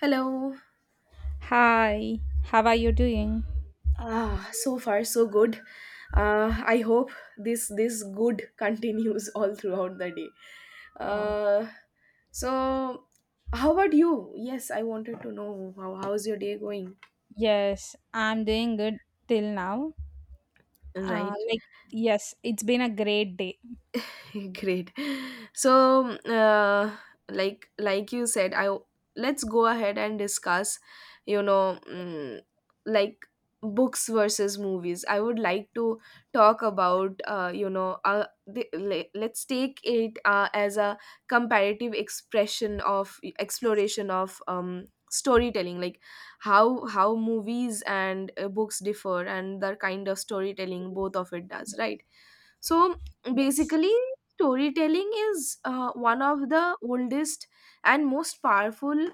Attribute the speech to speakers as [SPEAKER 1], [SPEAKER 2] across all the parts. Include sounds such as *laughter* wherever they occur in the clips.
[SPEAKER 1] Hello.
[SPEAKER 2] Hi, how are you doing?
[SPEAKER 1] Ah, so far so good. I hope this good continues *laughs* all throughout the day.
[SPEAKER 2] Oh,
[SPEAKER 1] Uh, so how about you? Yes, I wanted to know how's your day going?
[SPEAKER 2] yes, I'm doing good till now. Uh,
[SPEAKER 1] Right.
[SPEAKER 2] like, yes, it's been a great day.
[SPEAKER 1] *laughs* Great. So, like you said, I let's go ahead and discuss. You know, mm, like books versus movies, I would like to talk about. Let's take it as a comparative expression of exploration of storytelling, like how movies and books differ and the kind of storytelling both of it does. Right. So
[SPEAKER 2] Yes.
[SPEAKER 1] basically, storytelling is one of the oldest and most powerful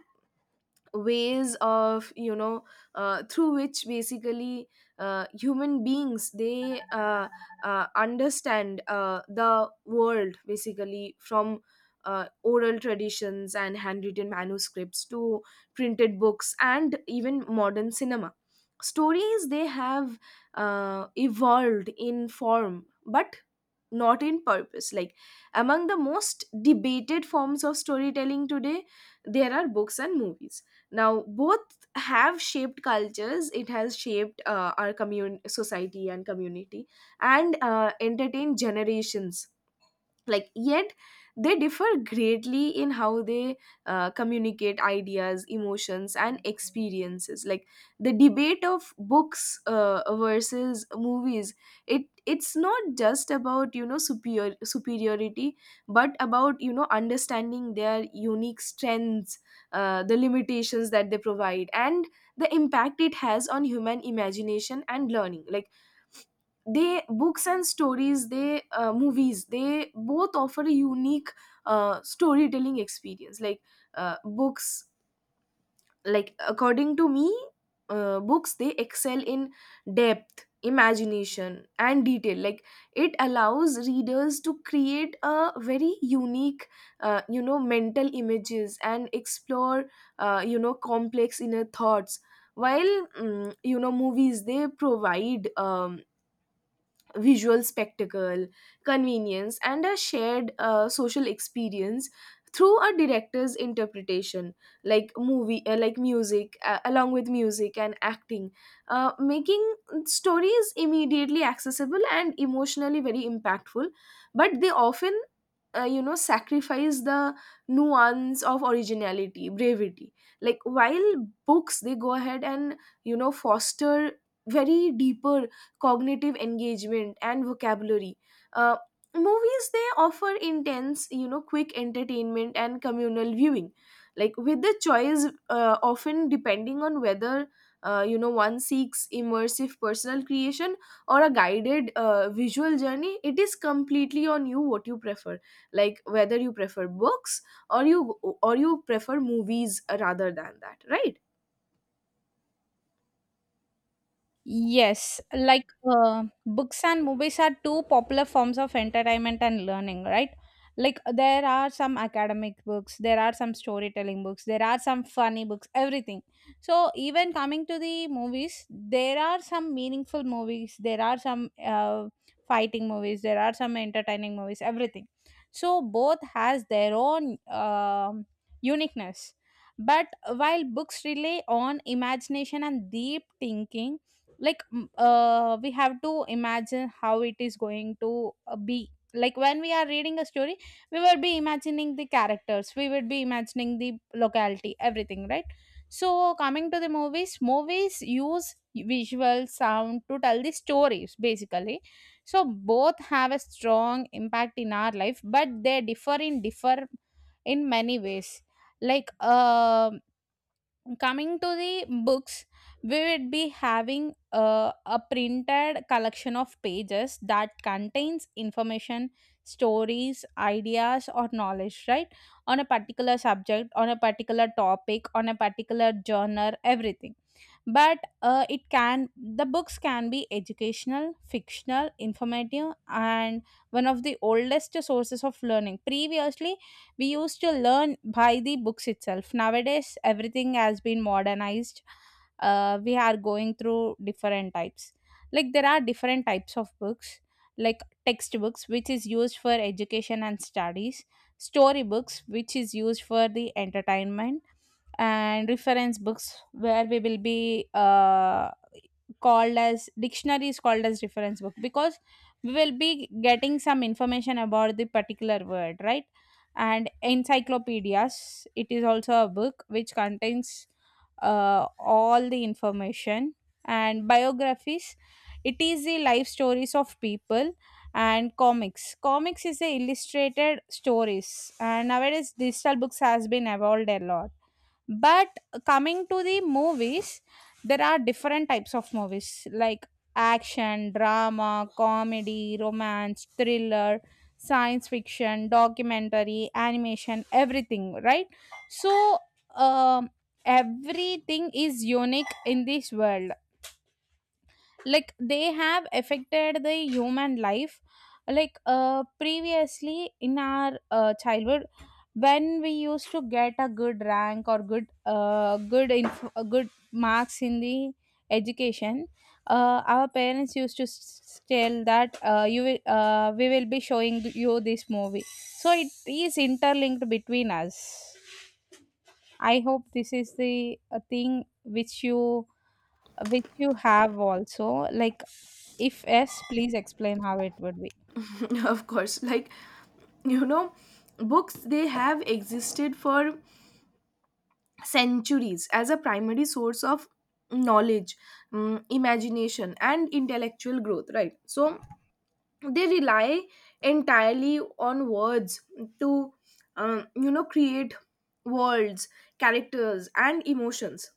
[SPEAKER 1] ways of through which, basically, human beings, they understand the world, basically, from oral traditions and handwritten manuscripts to printed books and even modern cinema. Stories, they have evolved in form, but not in purpose. Like, among the most debated forms of storytelling today, there are books and movies. Now, both have shaped cultures. It has shaped our society and community, and entertained generations. Like, yet they differ greatly in how they communicate ideas, emotions, and experiences. Like, the debate of books versus movies, it's not just about, superiority, but about understanding their unique strengths, the limitations that they provide, and the impact it has on human imagination and learning. Like, they, books and stories, they, movies, they both offer a unique storytelling experience. Like, books, like, according to me, books, they excel in depth, imagination, and detail. Like, it allows readers to create a very unique mental images, and explore complex inner thoughts, while, movies, they provide visual spectacle, convenience, and a shared social experience through a director's interpretation, like movie, like music, along with music and acting, making stories immediately accessible and emotionally very impactful. But they often, sacrifice the nuance of originality, brevity. Like, while books, they go ahead and foster very deeper cognitive engagement and vocabulary. uh, Movies, they offer intense, quick entertainment and communal viewing, like with the choice often depending on whether one seeks immersive personal creation or a guided visual journey. It is completely on you what you prefer, like whether you prefer books, or you prefer movies rather than that. Right.
[SPEAKER 2] Yes, books and movies are two popular forms of entertainment and learning, right? Like there are some academic books, there are some storytelling books, there are some funny books, everything. So even coming to the movies, there are some meaningful movies, there are some fighting movies, there are some entertaining movies, everything. So both has their own uniqueness. But while books rely on imagination and deep thinking, like we have to imagine how it is going to be like when we are reading a story, we will be imagining the characters, we would be imagining the locality, everything, right? So coming to the movies, movies use visual sound to tell the stories basically. So both have a strong impact in our life, but they differ in many ways. like um Coming to the books, we would be having a printed collection of pages that contains information, stories, ideas or knowledge, right? On a particular subject, on a particular topic, on a particular journal, everything. But it can, the books can be educational, fictional, informative, and one of the oldest sources of learning. Previously we used to learn by the books itself. Nowadays everything has been modernized. We are going through different types. Like there are different types of books, like textbooks, which is used for education and studies, storybooks, which is used for the entertainment, and reference books, where we will be called as dictionaries, called as reference book, because we will be getting some information about the particular word, right? And encyclopedias, it is also a book which contains all the information. And biographies, it is the life stories of people. And comics is the illustrated stories. And nowadays digital books has been evolved a lot. But coming to the movies, there are different types of movies, like action, drama, comedy, romance, thriller, science fiction, documentary, animation, everything, right? So, um, everything is unique in this world. Like, they have affected the human life. Previously in our childhood, when we used to get a good rank or good marks in the education, our parents used to tell that we will be showing you this movie, so it is interlinked between us. I hope this is the thing which you have also, like, if yes, please explain how it would be.
[SPEAKER 1] *laughs* Of course, like, *laughs* you know books, they have existed for centuries as a primary source of knowledge, imagination, and intellectual growth, right? So they rely entirely on words to create worlds, characters, and emotions.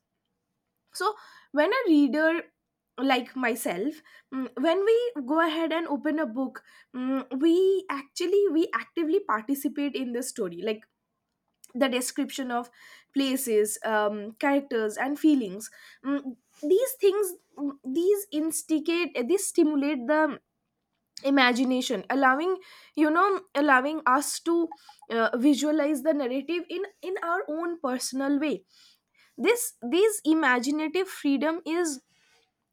[SPEAKER 1] So when a reader like myself, when we go ahead and open a book, we actively participate in the story, like the description of places, characters, and feelings. Mm, these things, these stimulate the imagination, allowing you know allowing us to visualize the narrative in our own personal way. This imaginative freedom is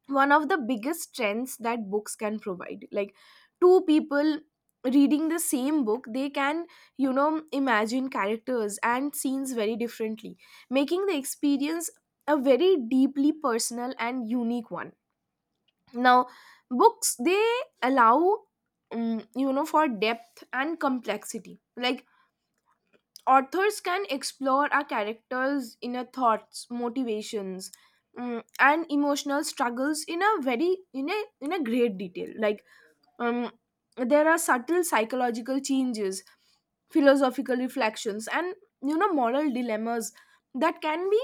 [SPEAKER 1] one of the biggest strengths that books can provide. Like, two people reading the same book, they can imagine characters and scenes very differently, making the experience a very deeply personal and unique one. Now, books, they allow for depth and complexity. Like, authors can explore our characters' inner thoughts, motivations, and emotional struggles in a very, in a great detail. Like, um, there are subtle psychological changes, philosophical reflections, and moral dilemmas that can be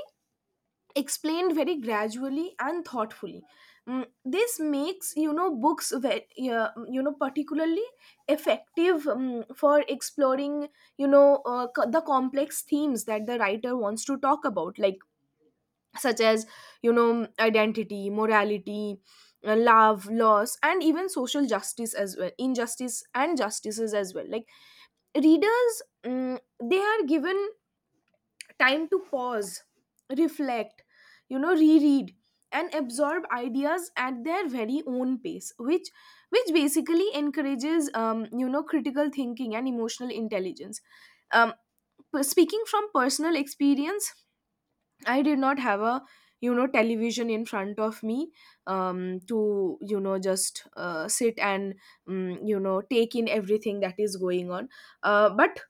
[SPEAKER 1] explained very gradually and thoughtfully. This makes, books very, particularly effective for exploring, the complex themes that the writer wants to talk about, like such as, identity, morality, love, loss, and even social justice as well, injustice and justices as well. Like, readers, they are given time to pause, reflect, reread, and absorb ideas at their very own pace, which, basically, encourages critical thinking and emotional intelligence. Um, Speaking from personal experience, I did not have a television in front of me to just sit and take in everything that is going on. But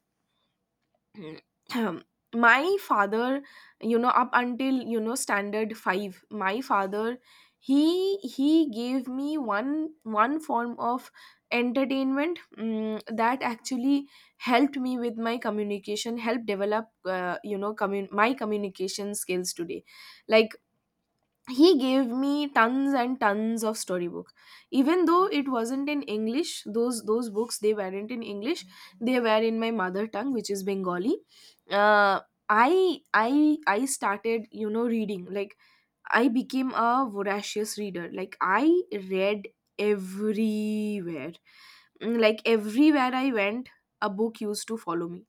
[SPEAKER 1] *clears throat* my father, up until, standard 5, my father, he gave me one form of entertainment, that actually helped me with my communication, helped develop, my communication skills today. Like, he gave me tons and tons of storybook, even though it wasn't in English, those books, they weren't in English. They were in my mother tongue, which is Bengali. Uh, i i i started, reading, like, I became a voracious reader. Like, I read everywhere. Like, everywhere I went, a book used to follow me.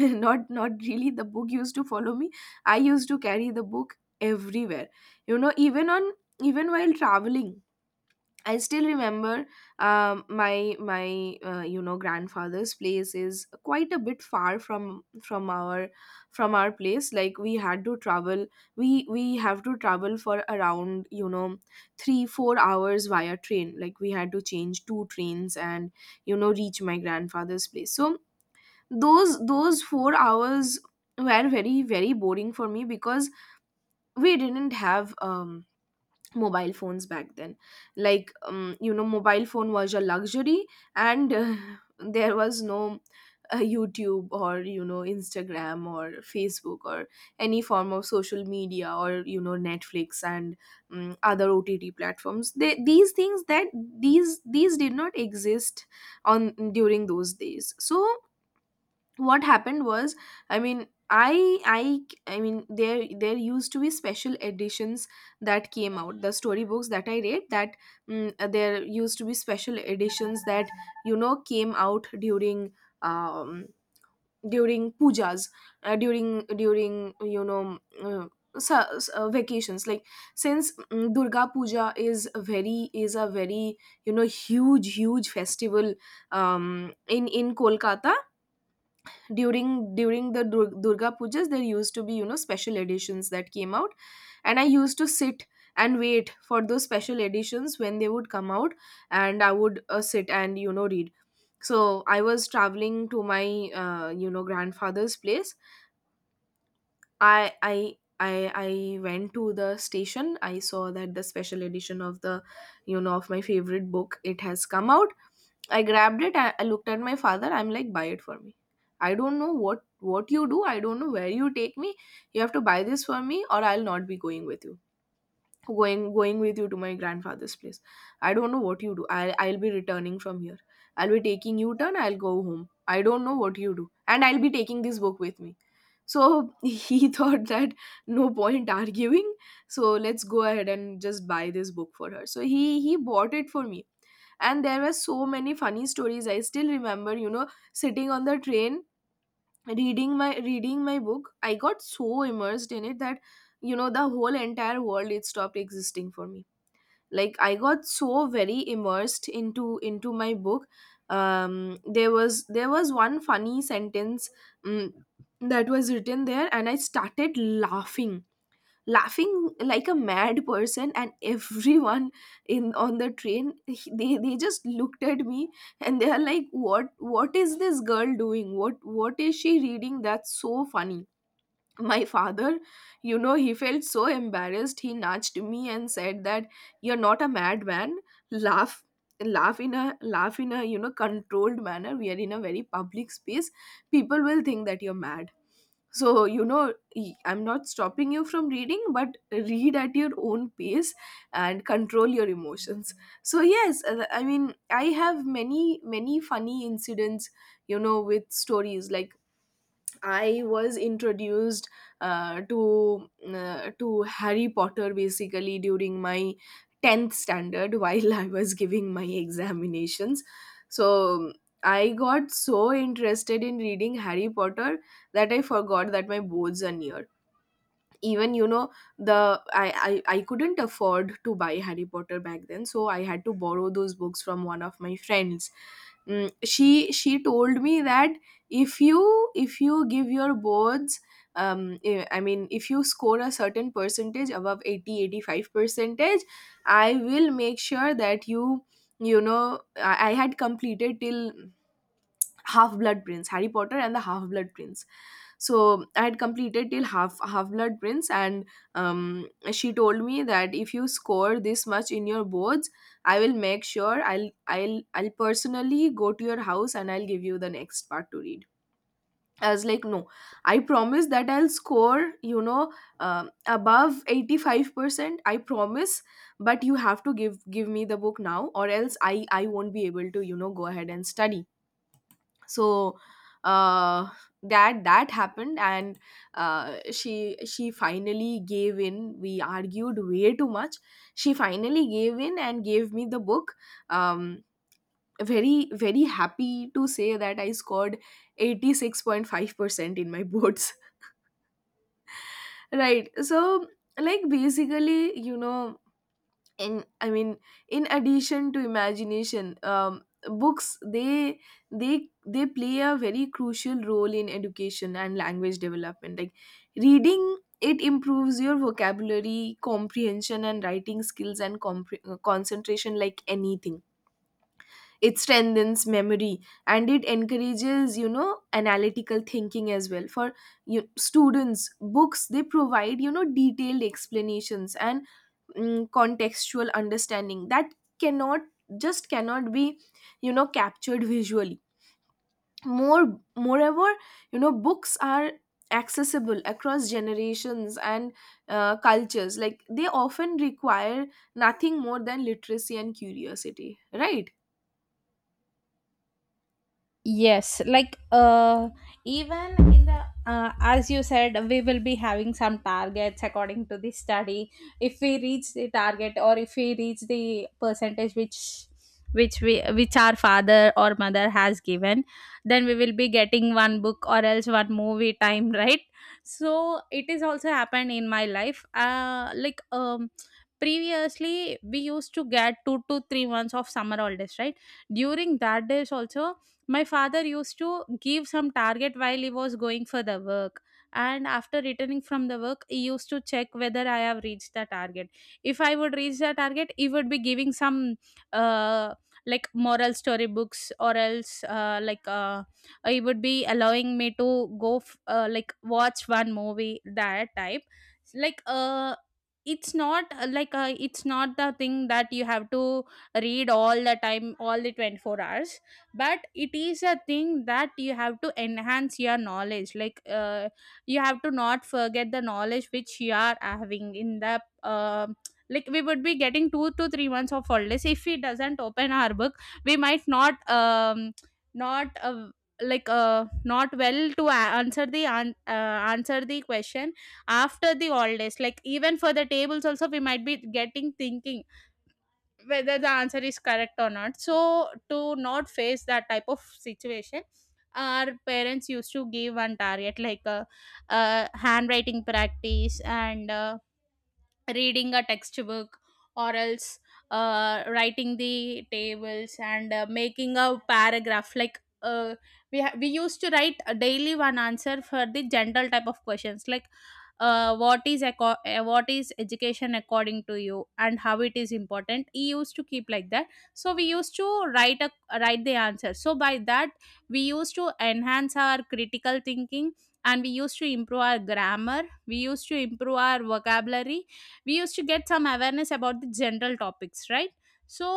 [SPEAKER 1] *laughs* Not really, the book used to follow me. I used to carry the book everywhere, even on, even while traveling. I still remember, my my grandfather's place is quite a bit far from, from our from our place. Like, we had to travel, we we have to travel for around, 3 4 hours via train. Like, we had to change two trains, and reach my grandfather's place. So, those 4 hours were very, very boring for me, because we didn't have mobile phones back then. Like, mobile phone was a luxury. And *laughs* there was no YouTube, or, Instagram, or Facebook, or any form of social media, or, Netflix, and other OTT platforms. These things, that, these did not exist on, during those days. So what happened was, I mean, I mean, there used to be special editions that came out, the storybooks that I read, that, there used to be special editions that came out during, um during pujas, during during you know mm, sa- s- vacations. Like, since, Durga Puja is a very, huge, huge festival in, Kolkata. During, Durga pujas, there used to be, special editions that came out. And I used to sit and wait for those special editions, when they would come out. And I would sit and read. So I was traveling to my grandfather's place. I went to the station. I saw that the special edition of the, of my favorite book, it has come out. I grabbed it. I looked at my father. I'm like, buy it for me. I don't know what you do. I don't know where you take me. You have to buy this for me, or I'll not be going with you, to my grandfather's place. I don't know what you do. I'll be returning from here. I'll be taking you turn. I'll go home. I don't know what you do, and I'll be taking this book with me. So, *laughs* he thought that no point arguing. So let's go ahead and just buy this book for her. So he bought it for me. And there were so many funny stories. I still remember, sitting on the train, reading my book. I got so immersed in it that, the whole entire world, it stopped existing for me. Like, I got so very immersed into my book. There was one funny sentence, um, that was written there, and I started laughing laughing like a mad person. And everyone in on the train, they just looked at me, and they are like, what is this girl doing, what is she reading, that's so funny. My *laughs* father, you know, he felt so embarrassed. He nudged me and said that you're not a madman. Laugh laugh in a laugh in a controlled manner. We are in a very public space. People will think that you're mad. So, I'm not stopping you from reading, but read at your own pace, and control your emotions. So, yes, I mean, I have many, many funny incidents, with stories. Like, I was introduced, to Harry Potter basically during my 10th standard while I was giving my examinations. So I got so interested in reading Harry Potter that I forgot that my boards are near, even you know the I couldn't afford to buy Harry Potter back then, so I had to borrow those books from one of my friends. She told me that if you give your boards if you score a certain percentage above 80 85 percentage, I will make sure that I had completed till half blood prince Harry Potter and the Half Blood Prince. So I had completed till half blood prince, and she told me that if you score this much in your boards, I will make sure I'll personally go to your house and I'll give you the next part to read. I was like, no, I promise that I'll score, above 85%, I promise, but you have to give me the book now, or else I won't be able to, go ahead and study. So uh that happened, and she finally gave in. We argued way too much. She finally gave in and gave me the book. um Very very happy to say that I scored 86.5% in my boards. *laughs* Right. So like, basically, you know, and I mean, in addition to imagination, books, they play a very crucial role in education and language development. Like reading, it improves your vocabulary, comprehension and writing skills, and concentration like anything. It strengthens memory, and it encourages, you know, analytical thinking as well. For you, students, books, they provide, you know, detailed explanations and, contextual understanding that cannot, just cannot be, you know, captured visually. Moreover, you know, books are accessible across generations and, cultures. Like they often require nothing more than literacy and curiosity, right?
[SPEAKER 2] Yes, even in the as you said, we will be having some targets according to the study. If we reach the target, or if we reach the percentage which we which our father or mother has given, then we will be getting one book or else one movie time, *laughs* right? So it is also happened in my life. Previously we used to get 2 to 3 months of summer holidays, right? During that days also my father used to give some target while he was going for the work, and after returning from the work he used to check whether I have reached the target. If I would reach the target, he would be giving some uh, moral story books, or else he would be allowing me to go f- like watch one movie, that type. like uh it's not, it's not the thing that you have to read all the time, all the 24 hours, but it is a thing that you have to enhance your knowledge. You have to not forget the knowledge which you are having in the um like, we would be getting 2 to 3 months of holidays. If we doesn't open our book, we might not not well to answer the answer the question after the holidays. Like, even for the tables also, we might be getting thinking whether the answer is correct or not. So to not face that type of situation, our parents used to give one target, like a handwriting practice, and reading a textbook, or else writing the tables, and making a paragraph. We used to write a daily one answer for the general type of questions, like, what is education according to you and how it is important. He used to keep like that. So we used to write a, write the answer. So by that, we used to enhance our critical thinking, and we used to improve our grammar, we used to improve our vocabulary, we used to get some awareness about the general topics, right? So,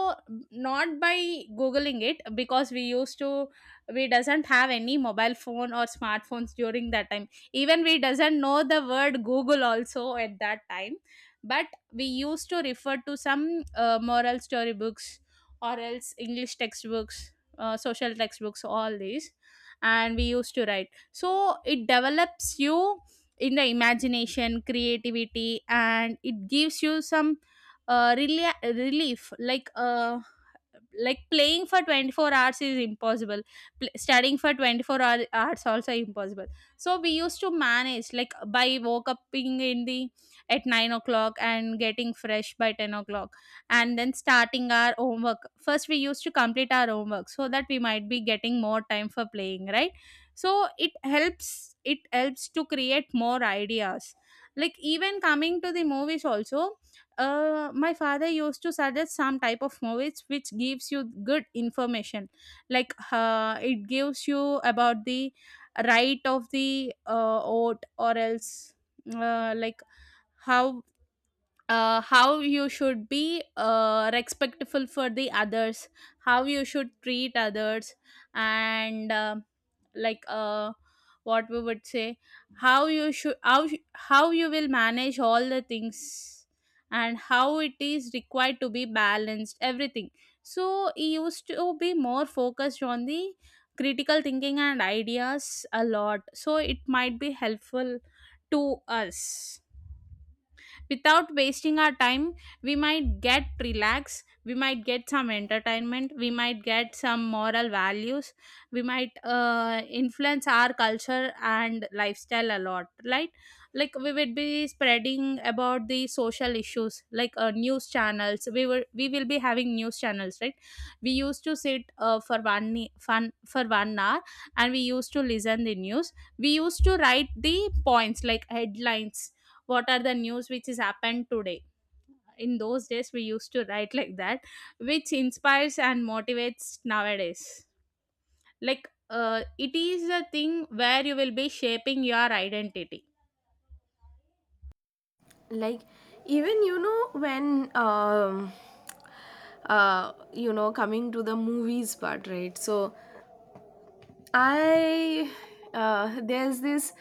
[SPEAKER 2] not by googling it, because we used to, we doesn't have any mobile phone or smartphones during that time. Even we doesn't know the word Google also at that time. But we used to refer to some moral story books, or else English textbooks, social textbooks, all these. And we used to write. So it develops you in the imagination, creativity, and it gives you some really relief. Like playing for 24 hours is impossible. Studying for 24 hours also impossible. So we used to manage, like, by woke up in the at 9 o'clock and getting fresh by 10 o'clock, and then starting our homework. First we used to complete our homework so that we might be getting more time for playing, right? So it helps to create more ideas. Like, even coming to the movies also, my father used to suggest some type of movies which gives you good information. It gives you about the right of the oat, or else like how, how you should be respectful for the others, how you should treat others, and like uh, what we would say, how you should how you will manage all the things, and how it is required to be balanced, everything. So he used to be more focused on the critical thinking and ideas a lot, so it might be helpful to us. Without wasting our time, we might get relaxed, we might get some entertainment, we might get some moral values, we might influence our culture and lifestyle a lot, right? Like, we would be spreading about the social issues, like, news channels, we will be having news channels, right? We used to sit for 1 hour, and we used to listen the news. We used to write the points, like headlines, what are the news which is happened today. In those days we used to write like that, which inspires and motivates nowadays. It is a thing where you will be shaping your identity.
[SPEAKER 1] Like even, you know, when you know, coming to the movies part, right? So I, there's this,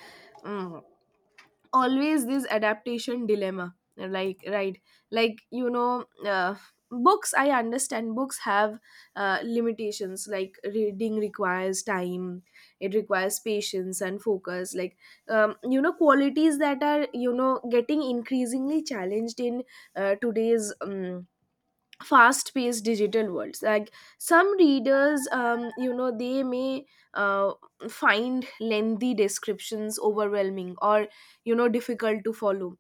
[SPEAKER 1] mm, always this adaptation dilemma, like, right? Like, you know, books, I understand books have limitations. Like reading requires time, it requires patience and focus. Like, you know, qualities that are, you know, getting increasingly challenged in today's fast paced digital worlds. Like some readers, you know, they may uh, find lengthy descriptions overwhelming, or, you know, difficult to follow.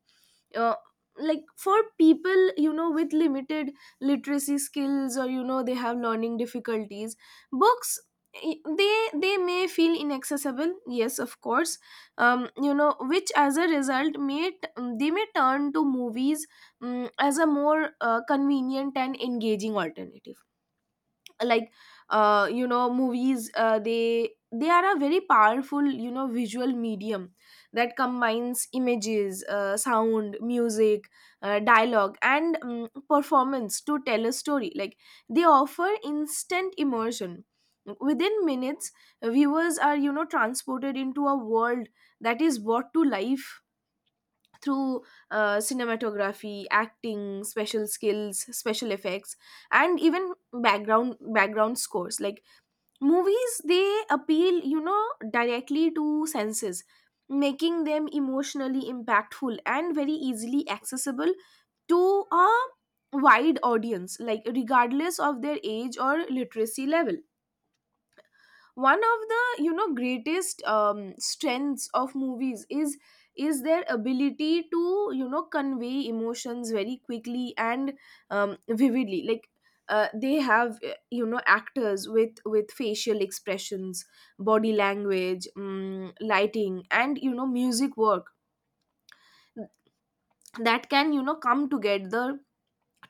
[SPEAKER 1] uh, like for people, you know, with limited literacy skills, or, you know, they have learning difficulties, books, they may feel inaccessible, yes, of course. You know, which as a result may they may turn to movies, as a more convenient and engaging alternative. Like, you know, movies, they are a very powerful, you know, visual medium that combines images, sound, music, dialogue and, performance to tell a story. Like they offer instant immersion. Within minutes, viewers are, you know, transported into a world that is brought to life through cinematography, acting, special skills, special effects, and even background scores. Like movies, they appeal, you know, directly to senses, making them emotionally impactful and very easily accessible to a wide audience, like regardless of their age or literacy level. One of the, you know, greatest strengths of movies is their ability to, you know, convey emotions very quickly and, vividly. Like, they have, you know, actors with facial expressions, body language, lighting, and, you know, music work that can, you know, come together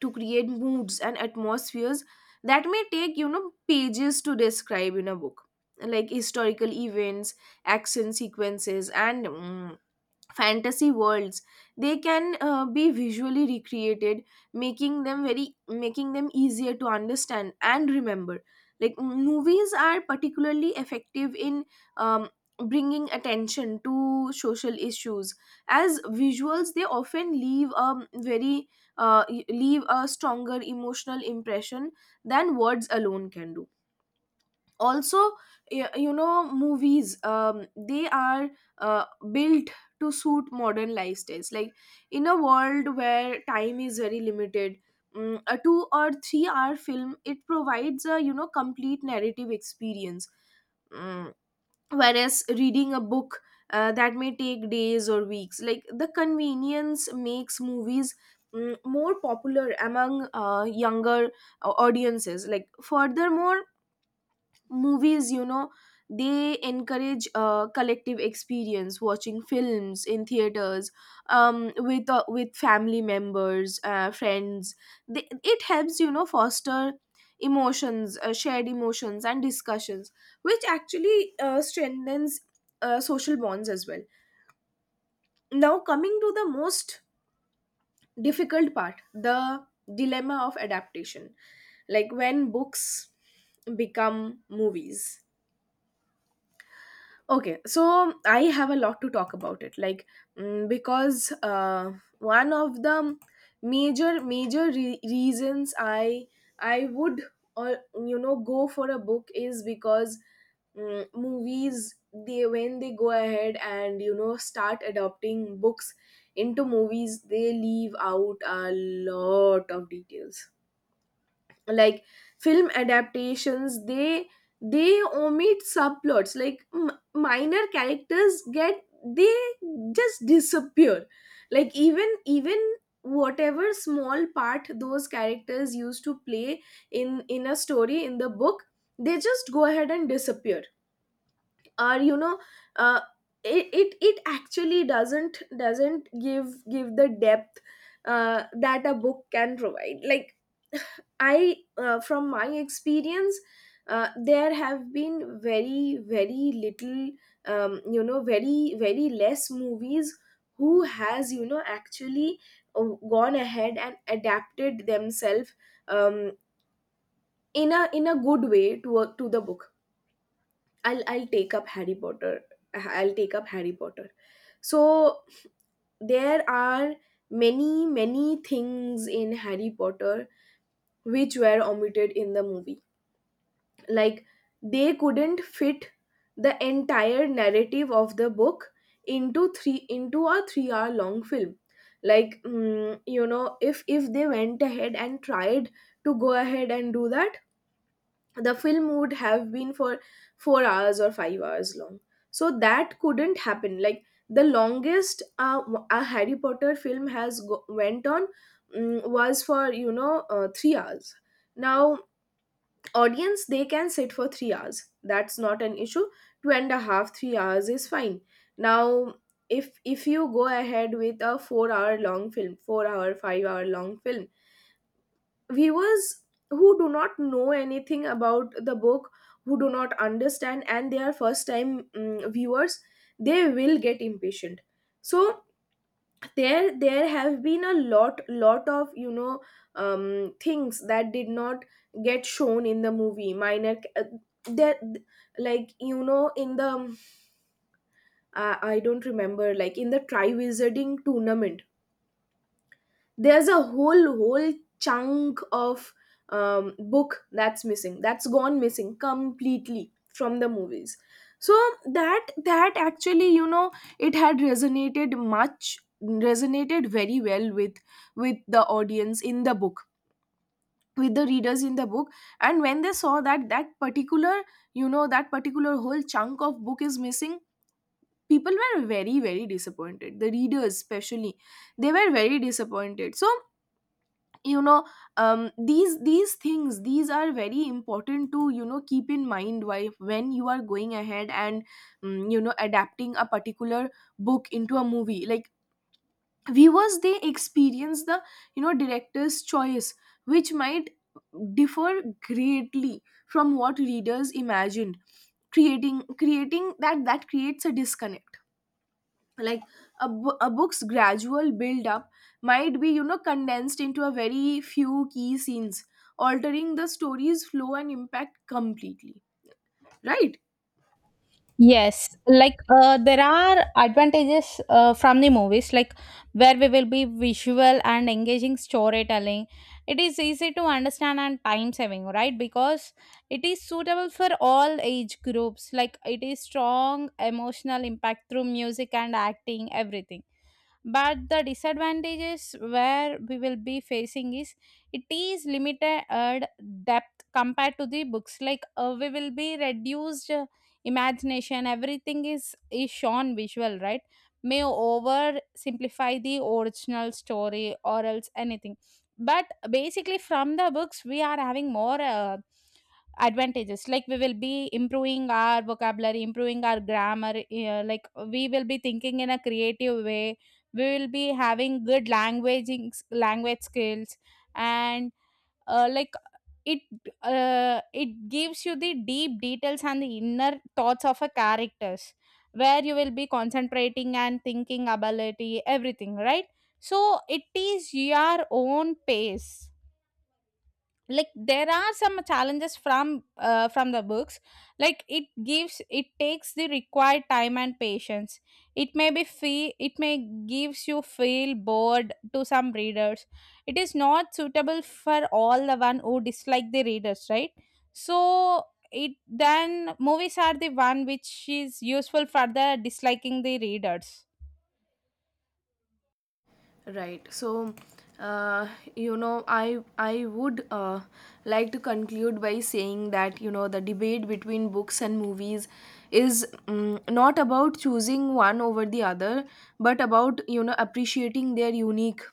[SPEAKER 1] to create moods and atmospheres that may take, you know, pages to describe in a book. Like historical events, action sequences, and, fantasy worlds, they can be visually recreated, making them very, making them easier to understand and remember. Like movies are particularly effective in, um, bringing attention to social issues, as visuals they often leave a very, uh, leave a stronger emotional impression than words alone can do. Also, you know, movies, they are uh, built to suit modern lifestyles. Like in a world where time is very limited, a 2 or 3-hour film, it provides a, you know, complete narrative experience. Mm, whereas reading a book, that may take days or weeks. Like the convenience makes movies, more popular among, younger audiences. Like furthermore, movies, you know, they encourage collective experience. Watching films in theaters, with, with family members, friends, it helps, you know, foster emotions, shared emotions and discussions, which actually strengthens social bonds as well. Now, coming to the most difficult part, the dilemma of adaptation, like when books become movies. Okay, so I have a lot to talk about it. Like, because one of the major reasons I would, or, you know, go for a book is because, movies, they, when they go ahead and, you know, start adopting books into movies, they leave out a lot of details. Like film adaptations, they omit subplots. Like minor characters get, they just disappear. Like even whatever small part those characters used to play in a story, in the book, they just go ahead and disappear. Or, you know, uh, it actually doesn't give the depth that a book can provide. Like from my experience, there have been very, very little, you know, very, very less movies who has, you know, actually uh, gone ahead and adapted themselves, um, in a, in a good way to a, to the book. I'll take up Harry Potter. I'll take up Harry Potter. So there are many many things in Harry Potter which were omitted in the movie, like they couldn't fit the entire narrative of the book into three into a 3-hour long film. Like, you know, if they went ahead and tried to go ahead and do that, the film would have been for 4 hours or 5 hours long. So that couldn't happen. Like the longest, a Harry Potter film has went on, was for, you know, 3 hours. Now, audience, they can sit for 3 hours, that's not an issue. Two and a half, 3 hours is fine. Now, if you go ahead with a 4 hour long film, four hour 5 hour long film, viewers who do not know anything about the book, who do not understand, and they are first time, viewers, they will get impatient. So, there have been a lot of, you know, things that did not get shown in the movie, minor, there like, you know, in the, I don't remember, like in the Tri Wizarding Tournament, there's a whole chunk of, book that's missing, that's gone missing completely from the movies. So that, that actually, you know, it had resonated much resonated very well with the audience in the book, with the readers in the book. And when they saw that, that particular, you know, that particular whole chunk of book is missing, people were very very disappointed, the readers especially, they were very disappointed. So, you know, these things, these are very important to, you know, keep in mind why when you are going ahead and, you know, adapting a particular book into a movie. Like viewers, they experience the, you know, director's choice, which might differ greatly from what readers imagined, creating that creates a disconnect. Like a, a book's gradual build up might be, you know, condensed into a very few key scenes, altering the story's flow and impact completely, right?
[SPEAKER 2] Yes, there are advantages from the movies, like, where we will be visual and engaging storytelling. It is easy to understand and time saving, right? Because it is suitable for all age groups. Like, it is strong emotional impact through music and acting, everything. But the disadvantages where we will be facing is it is limited depth compared to the books. We will be reduced imagination, everything is shown visual, right? May over simplify the original story or else anything. But basically from the books we are having more advantages, like we will be improving our vocabulary, improving our grammar, we will be thinking in a creative way, we will be having good languaging, language skills. And uh, like it, it gives you the deep details and the inner thoughts of a characters, where you will be concentrating and thinking ability, everything, right? So it is your own pace. Like, there are some challenges from the books. Like, it gives, it takes the required time and patience. It may be fee, it may gives you feel bored to some readers. It is not suitable for all, the one who dislike the readers, right? So it, then movies are the one which is useful for the disliking the readers.
[SPEAKER 1] Right, so uh, you know, I would like to conclude by saying that, you know, the debate between books and movies is, not about choosing one over the other, but about, you know, appreciating their unique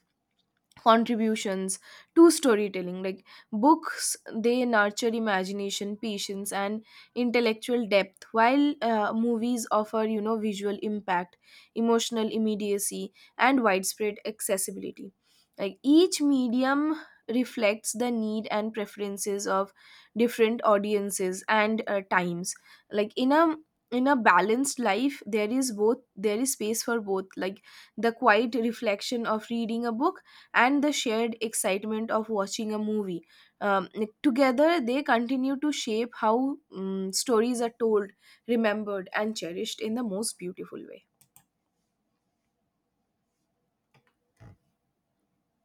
[SPEAKER 1] contributions to storytelling. Like, books, they nurture imagination, patience, and intellectual depth, while movies offer, you know, visual impact, emotional immediacy, and widespread accessibility. Like each medium reflects the need and preferences of different audiences and, times. Like in a, in a balanced life, there is both, there is space for both. Like the quiet reflection of reading a book, and the shared excitement of watching a movie. Like, together, they continue to shape how, stories are told, remembered, and cherished in the most beautiful way.